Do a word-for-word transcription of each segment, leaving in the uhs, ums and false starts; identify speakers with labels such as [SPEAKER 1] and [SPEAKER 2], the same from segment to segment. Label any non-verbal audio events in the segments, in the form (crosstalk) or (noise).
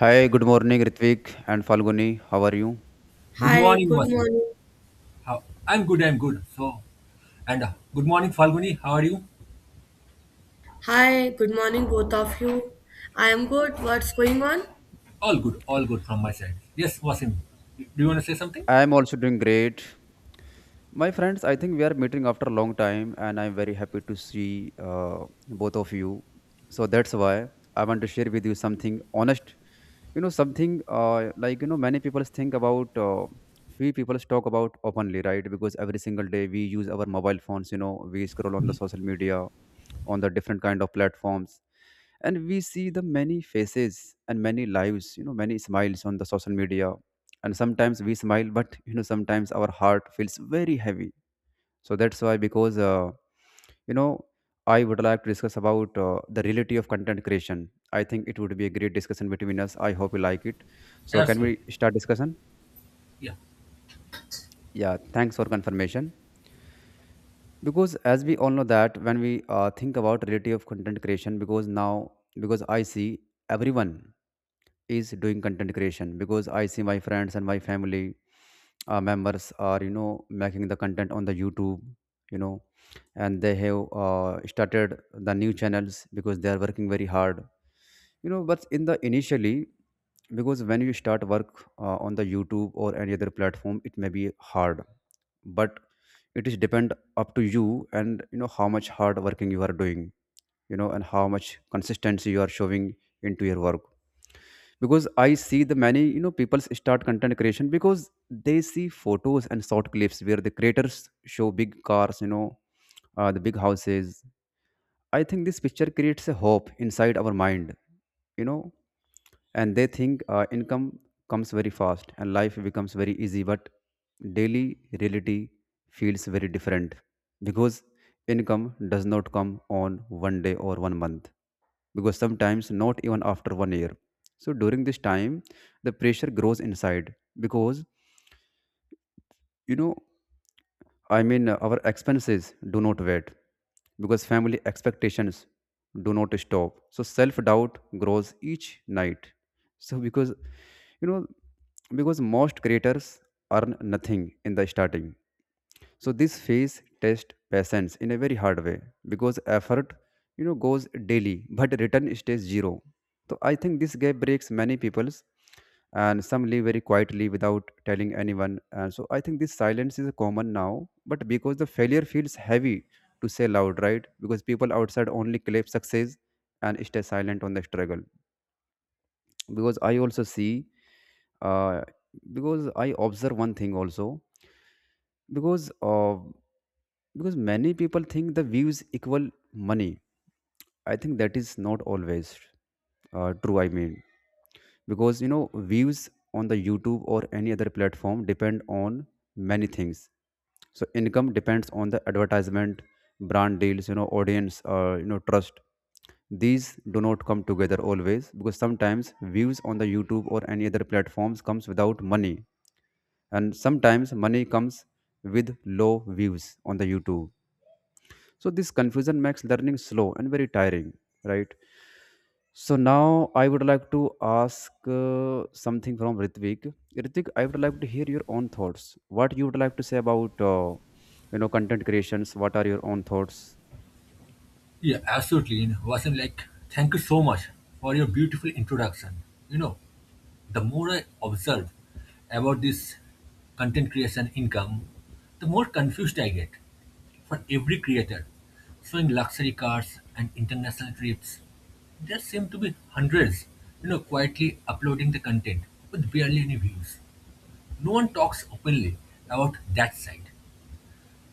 [SPEAKER 1] Hi, good morning, Ritvik and Falguni. How are you?
[SPEAKER 2] Good
[SPEAKER 3] Hi,
[SPEAKER 2] morning,
[SPEAKER 3] good
[SPEAKER 2] Vasu.
[SPEAKER 3] morning.
[SPEAKER 2] How? I'm good. I'm good. So, and uh, good morning, Falguni. How are you?
[SPEAKER 3] Hi, good morning, both of you. I am good. What's going on?
[SPEAKER 2] All good. All good from my side. Yes, Vasim. Do you want to say something?
[SPEAKER 1] I am also doing great. My friends, I think we are meeting after a long time, and I'm very happy to see uh, both of you. So that's why I want to share with you something honest. You know, something uh, like, you know, many people think about, uh, few people talk about openly, right? Because every single day we use our mobile phones, you know, we scroll on the
[SPEAKER 2] Mhm.
[SPEAKER 1] social media, on the different kind of platforms, and we see the many faces and many lives, you know many smiles on the social media. And sometimes we smile (laughs) but you know sometimes our heart feels very heavy. So that's why, because uh, you know I would like to discuss about uh, the reality of content creation. I think it would be a great discussion between us. I hope you like it. So can we
[SPEAKER 2] Absolutely.
[SPEAKER 1] start discussion?
[SPEAKER 2] Yeah.
[SPEAKER 1] Yeah, thanks for confirmation. Because as we all know that when we uh, think about reality of content creation, because now, because I see everyone is doing content creation, because I see my friends and my family uh, members are you know making the content on the YouTube, you know, and they have uh, started the new channels, because they are working very hard, you know. But in the initially, because when you start work uh, on the YouTube or any other platform, it may be hard, but it is depend up to you, and you know how much hard working you are doing, you know and how much consistency you are showing into your work. Because I see the many you know people start content creation, because they see photos and short clips where the creators show big cars, you know uh, the big houses. I think this picture creates a hope inside our mind, you know and they think uh, income comes very fast, and life becomes very easy, but daily reality feels very different, because income does not come on one day or one month, because sometimes not even after one year. So during this time, the pressure grows inside, because you know, I mean, uh, our expenses do not wait, because family expectations do not stop. So self doubt grows each night. So because you know, because most creators earn nothing in the starting. So this phase tests patience in a very hard way, because effort, you know, goes daily, but return stays zero. So I think this gap breaks many people's, and some live very quietly without telling anyone. And so I think this silence is common now, but because the failure feels heavy to say loud, right? Because people outside only clap success and stay silent on the struggle. Because I also see, uh, because I observe one thing also, because. Uh, because many people think the views equal money. I think that is not always uh, true. I mean, because you know views on the YouTube or any other platform depend on many things. So income depends on the advertisement, brand deals, you know audience, uh, you know trust. These do not come together always, because sometimes views on the YouTube or any other platforms comes without money, and sometimes money comes with low views on the YouTube. So this confusion makes learning slow and very tiring, right? So now I would like to ask uh, something from Ritvik. Ritvik, I would like to hear your own thoughts. What you would like to say about uh, you know content creations? What are your own thoughts?
[SPEAKER 2] Yeah. Absolutely. You know, Vasim, like, thank you so much for your beautiful introduction. You know, the more I observe about this content creation income, the more confused I get. For every creator, showing luxury cars and international trips, there seem to be hundreds, you know, quietly uploading the content with barely any views. No one talks openly about that side.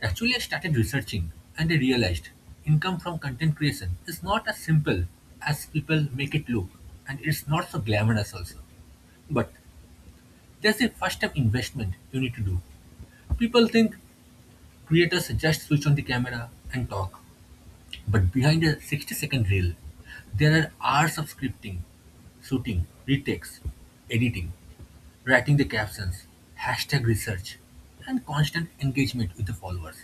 [SPEAKER 2] Actually, I started researching and I realized income from content creation is not as simple as people make it look, and it's not so glamorous also. But there's a first step investment you need to do. People think creators just switch on the camera and talk. But behind a sixty second reel, there are hours of scripting, shooting, retakes, editing, writing the captions, hashtag research, and constant engagement with the followers.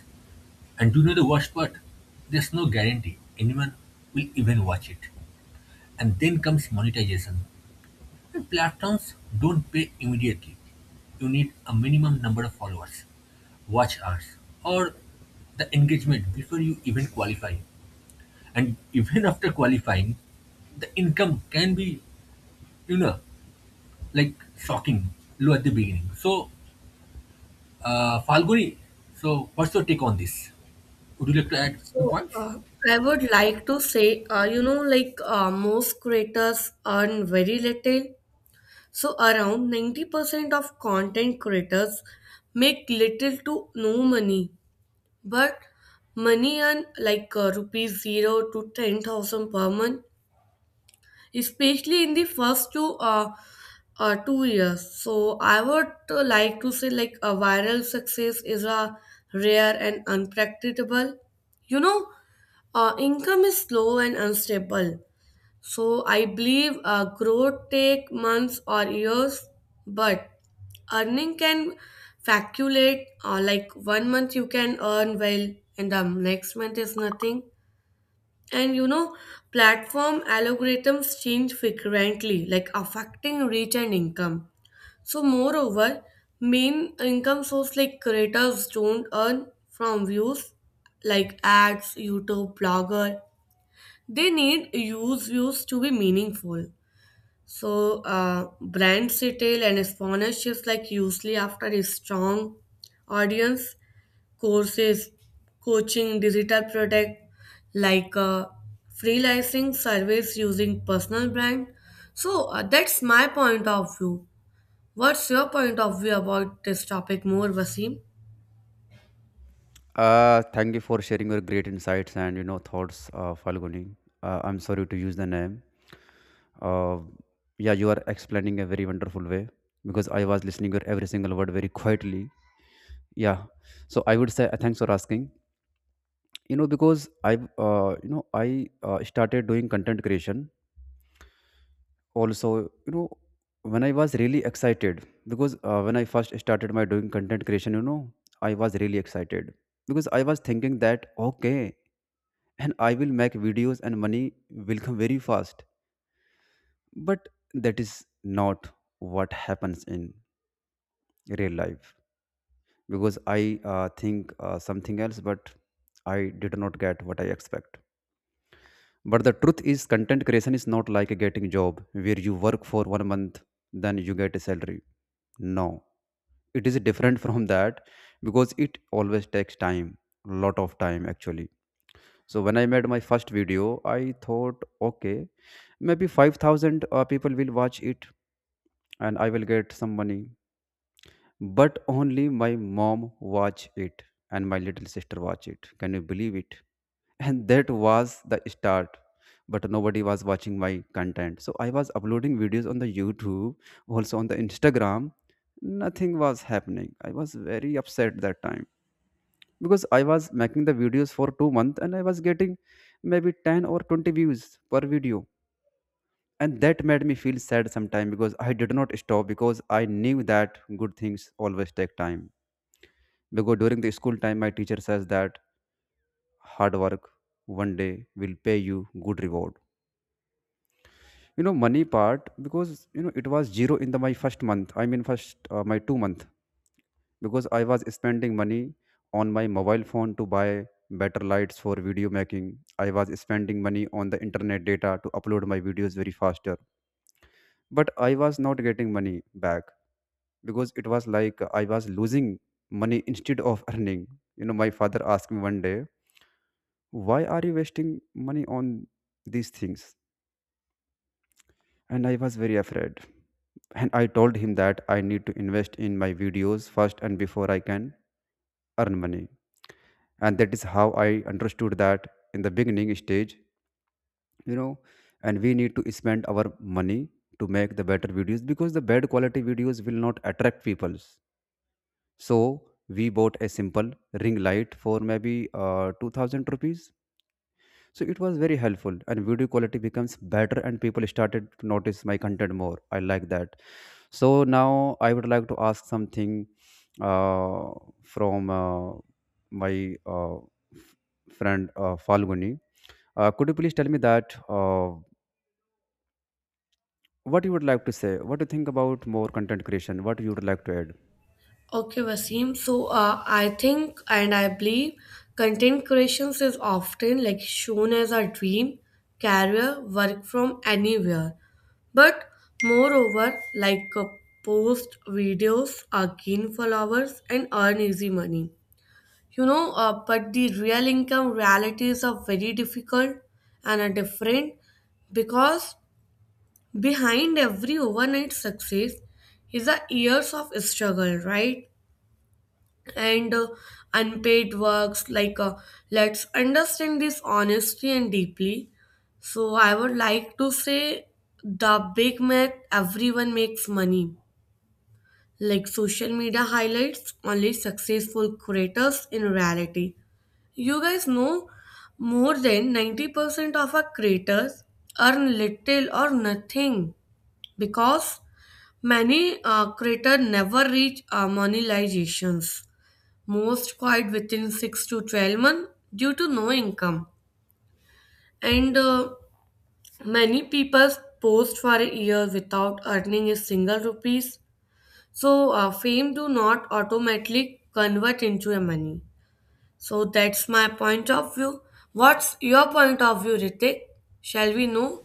[SPEAKER 2] And do you know the worst part? There's no guarantee anyone will even watch it. And then comes monetization. And platforms don't pay immediately. You need a minimum number of followers, watch hours, or the engagement before you even qualify. And even (laughs) after qualifying, the income can be, you know, like shocking low at the beginning. So, uh, Falguni, so what's your take on this? Would you like to add few
[SPEAKER 3] So,
[SPEAKER 2] points?
[SPEAKER 3] uh, I would like to say, uh, you know, like uh, most creators earn very little. So, around ninety percent of content creators make little to no money. But money earn like uh, rupees zero to ten thousand per month, especially in the first two uh, uh, two years. So I would uh, like to say like a viral success is a rare and unpredictable. You know, uh, income is slow and unstable. So I believe uh, growth take months or years, but earning can fluctuate. Uh, like one month you can earn well, and the next month is nothing. And you know, platform algorithms change frequently, like affecting reach and income. So, moreover, main income source like creators don't earn from views like ads, YouTube, blogger. They need use views to be meaningful. So, uh, brand retail and sponsorships like usually after a strong audience courses, coaching, digital product like uh, freelancing service using personal brand. So uh, that's my point of view. What's your point of view about this topic more, Vaseem?
[SPEAKER 1] Uh, thank you for sharing your great insights and you know thoughts, uh, Falguni. Uh, I'm sorry to use the name. Uh, yeah, you are explaining a very wonderful way, because I was listening to every single word very quietly. Yeah, so I would say uh, thanks for asking. You know because I uh, you know I uh, started doing content creation also, you know when I was really excited, because uh, when I first started my doing content creation, you know I was really excited, because I was thinking that okay, and I will make videos and money will come very fast, but that is not what happens in real life, because I uh, think uh, something else, but I did not get what I expect. But the truth is, content creation is not like a getting job where you work for one month, then you get a salary. No, it is different (laughs) from that, because it always takes time, lot of time actually. So when I made my first video, I thought, okay, maybe five thousand uh, people will watch it, and I will get some money. But only my mom watch it and my little sister watch it. Can you believe it? And that was the start, but nobody was watching my content. So I was uploading videos on the YouTube, also on the Instagram. Nothing was happening. I was very upset that time, because I was making the videos for two months, and I was getting maybe ten or twenty views per video, and that made me feel sad sometime. Because I did not stop, because I knew that good things always take time. Because during the school time my teacher says that hard work one day will pay you good reward. You know money part, because you know it was zero in the my first month. I mean first uh, my two month, because I was spending money on my mobile phone to buy better lights for video making. I was spending money on the internet data to upload my videos very faster, but I was not getting money back, because it was like I was losing money instead of (laughs) earning. You know my father asked me one day, why are you wasting money on these things? And I was very afraid. And I told him that I need to invest in my videos first and before I can earn money. And that is how I understood that in the beginning stage, you know, and we need to spend our money to make the better videos, because the bad quality videos will not attract peoples. So we bought a simple ring light for maybe uh, two thousand rupees. So it was very helpful, and video quality becomes better, and people started to notice my content more. I like that. So now I would like to ask something uh, from uh, my uh, f- friend uh, Falguni. Uh, could you please tell me that uh, what you would like to say? What do you think about more content creation? What you would like to add?
[SPEAKER 3] Okay, Wasim. So uh, I think and I believe content creations is often like shown as a dream, career, work from anywhere. But moreover, like uh, post videos, uh, gain followers and earn easy money. You know, uh, but the real income realities are very difficult and are different because behind every overnight success is a years of struggle, right? and uh, unpaid works like uh, let's understand this honestly and deeply. So I would like to say the big myth, everyone makes money, like social media highlights only successful creators. In reality, you guys know more than ninety percent of our creators earn little or nothing because many uh, creators never reach uh, monetizations. Most quit within six to twelve months due to no income. And uh, many people post for a year without earning a single rupees. So uh, fame do not automatically convert into a money. So that's my point of view. What's your point of view, Ritik? Shall we know?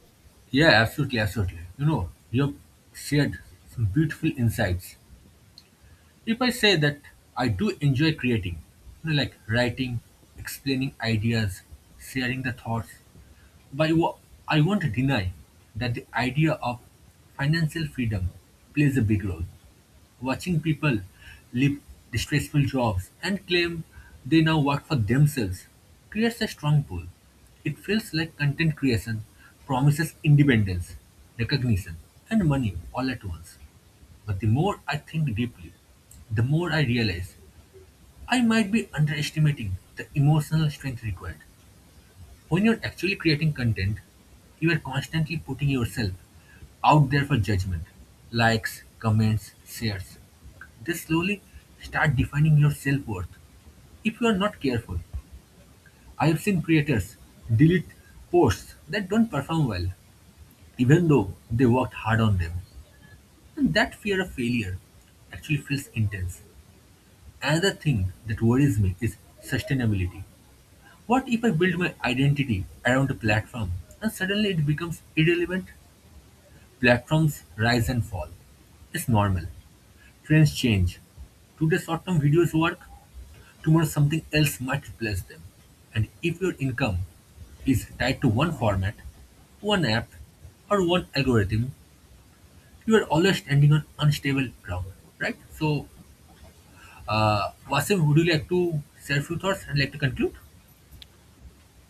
[SPEAKER 2] Yeah, absolutely, absolutely. You know, you have shared some beautiful insights. If I say that I do enjoy creating, you know, like writing, explaining ideas, sharing the thoughts, but wa- I won't deny that the idea of financial freedom plays a big role. Watching people leave distressful jobs and claim they now work for themselves creates a strong pull. It feels like content creation promises independence, recognition, and money all at once. But the more I think deeply, the more I realize I might be underestimating the emotional strength required. When you're actually creating content, you are constantly putting yourself out there for judgment, likes, comments, shares. They slowly start defining your self worth. If you are not careful, I have seen creators delete posts that don't perform well, even though they worked hard on them. And that fear of failure actually feels intense. Another thing that worries me is sustainability. What if I build my identity around a platform and suddenly it becomes irrelevant? Platforms rise and fall. It's normal. Trends change. Today short term videos work, tomorrow something else might replace them. And if your income is tied to one format, one app, or one algorithm, you are always standing on unstable ground, right? So, uh, Wasim, would you like to share a few thoughts and like to conclude?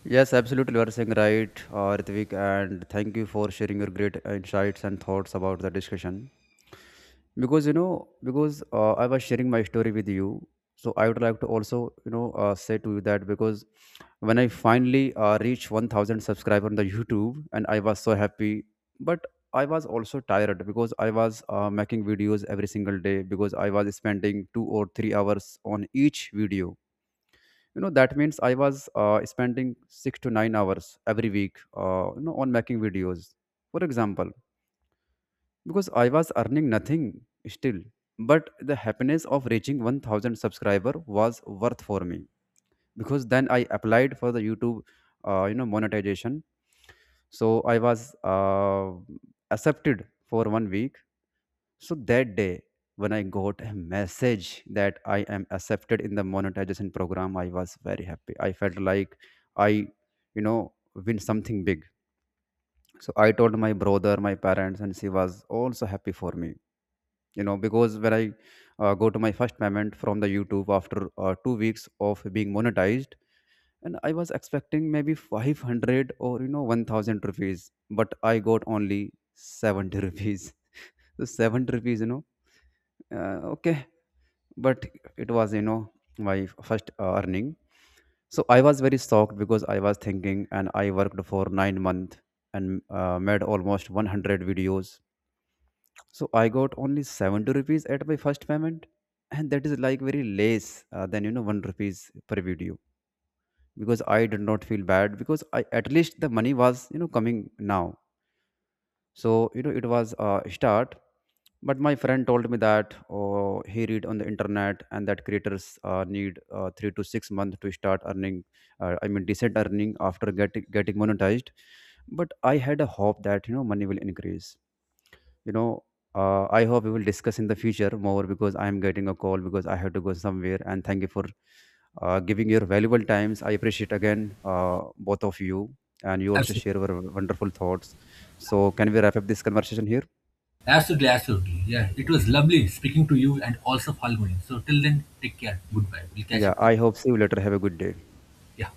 [SPEAKER 1] Yes, absolutely. You are saying right, uh, Ritvik, and thank you for sharing your great insights and thoughts about the discussion. Because you know because uh, I was sharing my story with you, so I would like to also you know uh, say to you that because when I finally uh, reached one thousand subscriber on the YouTube, and I was so happy. But I was also tired, because I was uh, making videos every single day, because I was spending two or three hours on each video. You know that means I was uh, spending six to nine hours every week, uh, you know on making videos, for example, because I was earning nothing still. But the happiness of reaching one thousand subscriber was worth for me, because then I applied for the YouTube, uh, you know, monetization. So I was uh, accepted for one week. So that day when I got a message that I am accepted in the monetization program, I was very happy. I felt like I, you know, win something big. So I told my brother, my parents, and she was also happy for me. You know because when I uh, go to my first payment from the YouTube after uh, two weeks of being monetized, and I was expecting maybe five hundred or you know one thousand rupees, but I got only seventy rupees. (laughs) So seventy rupees, you know uh, okay. But it was, you know my first uh, earning. So I was very shocked, because I was thinking, and I worked for nine months, and uh, made almost one hundred videos. So I got only seventy rupees at my first payment, and that is like very less uh, than you know one rupees per video, because I did not feel bad because I at least the money was you know coming now. So you know it was a start, but my friend told me that oh, he read on the internet and that creators uh, need uh, three to six months to start earning. Uh, I mean decent earning after getting getting monetized. But I had a hope that you know money will increase you know uh, I hope we will discuss in the future more, because I am getting a call, because I have to go somewhere. And thank you for uh, giving your valuable times. I appreciate again, uh, both of you, and you also
[SPEAKER 2] Absolutely.
[SPEAKER 1] share your wonderful thoughts. So can we wrap up this conversation here?
[SPEAKER 2] Absolutely, absolutely. Yeah, it was lovely speaking to you and also following. So till then, take care. Goodbye. We'll catch
[SPEAKER 1] Yeah,
[SPEAKER 2] up
[SPEAKER 1] I
[SPEAKER 2] again.
[SPEAKER 1] hope see you later. Have a good day.
[SPEAKER 2] Yeah.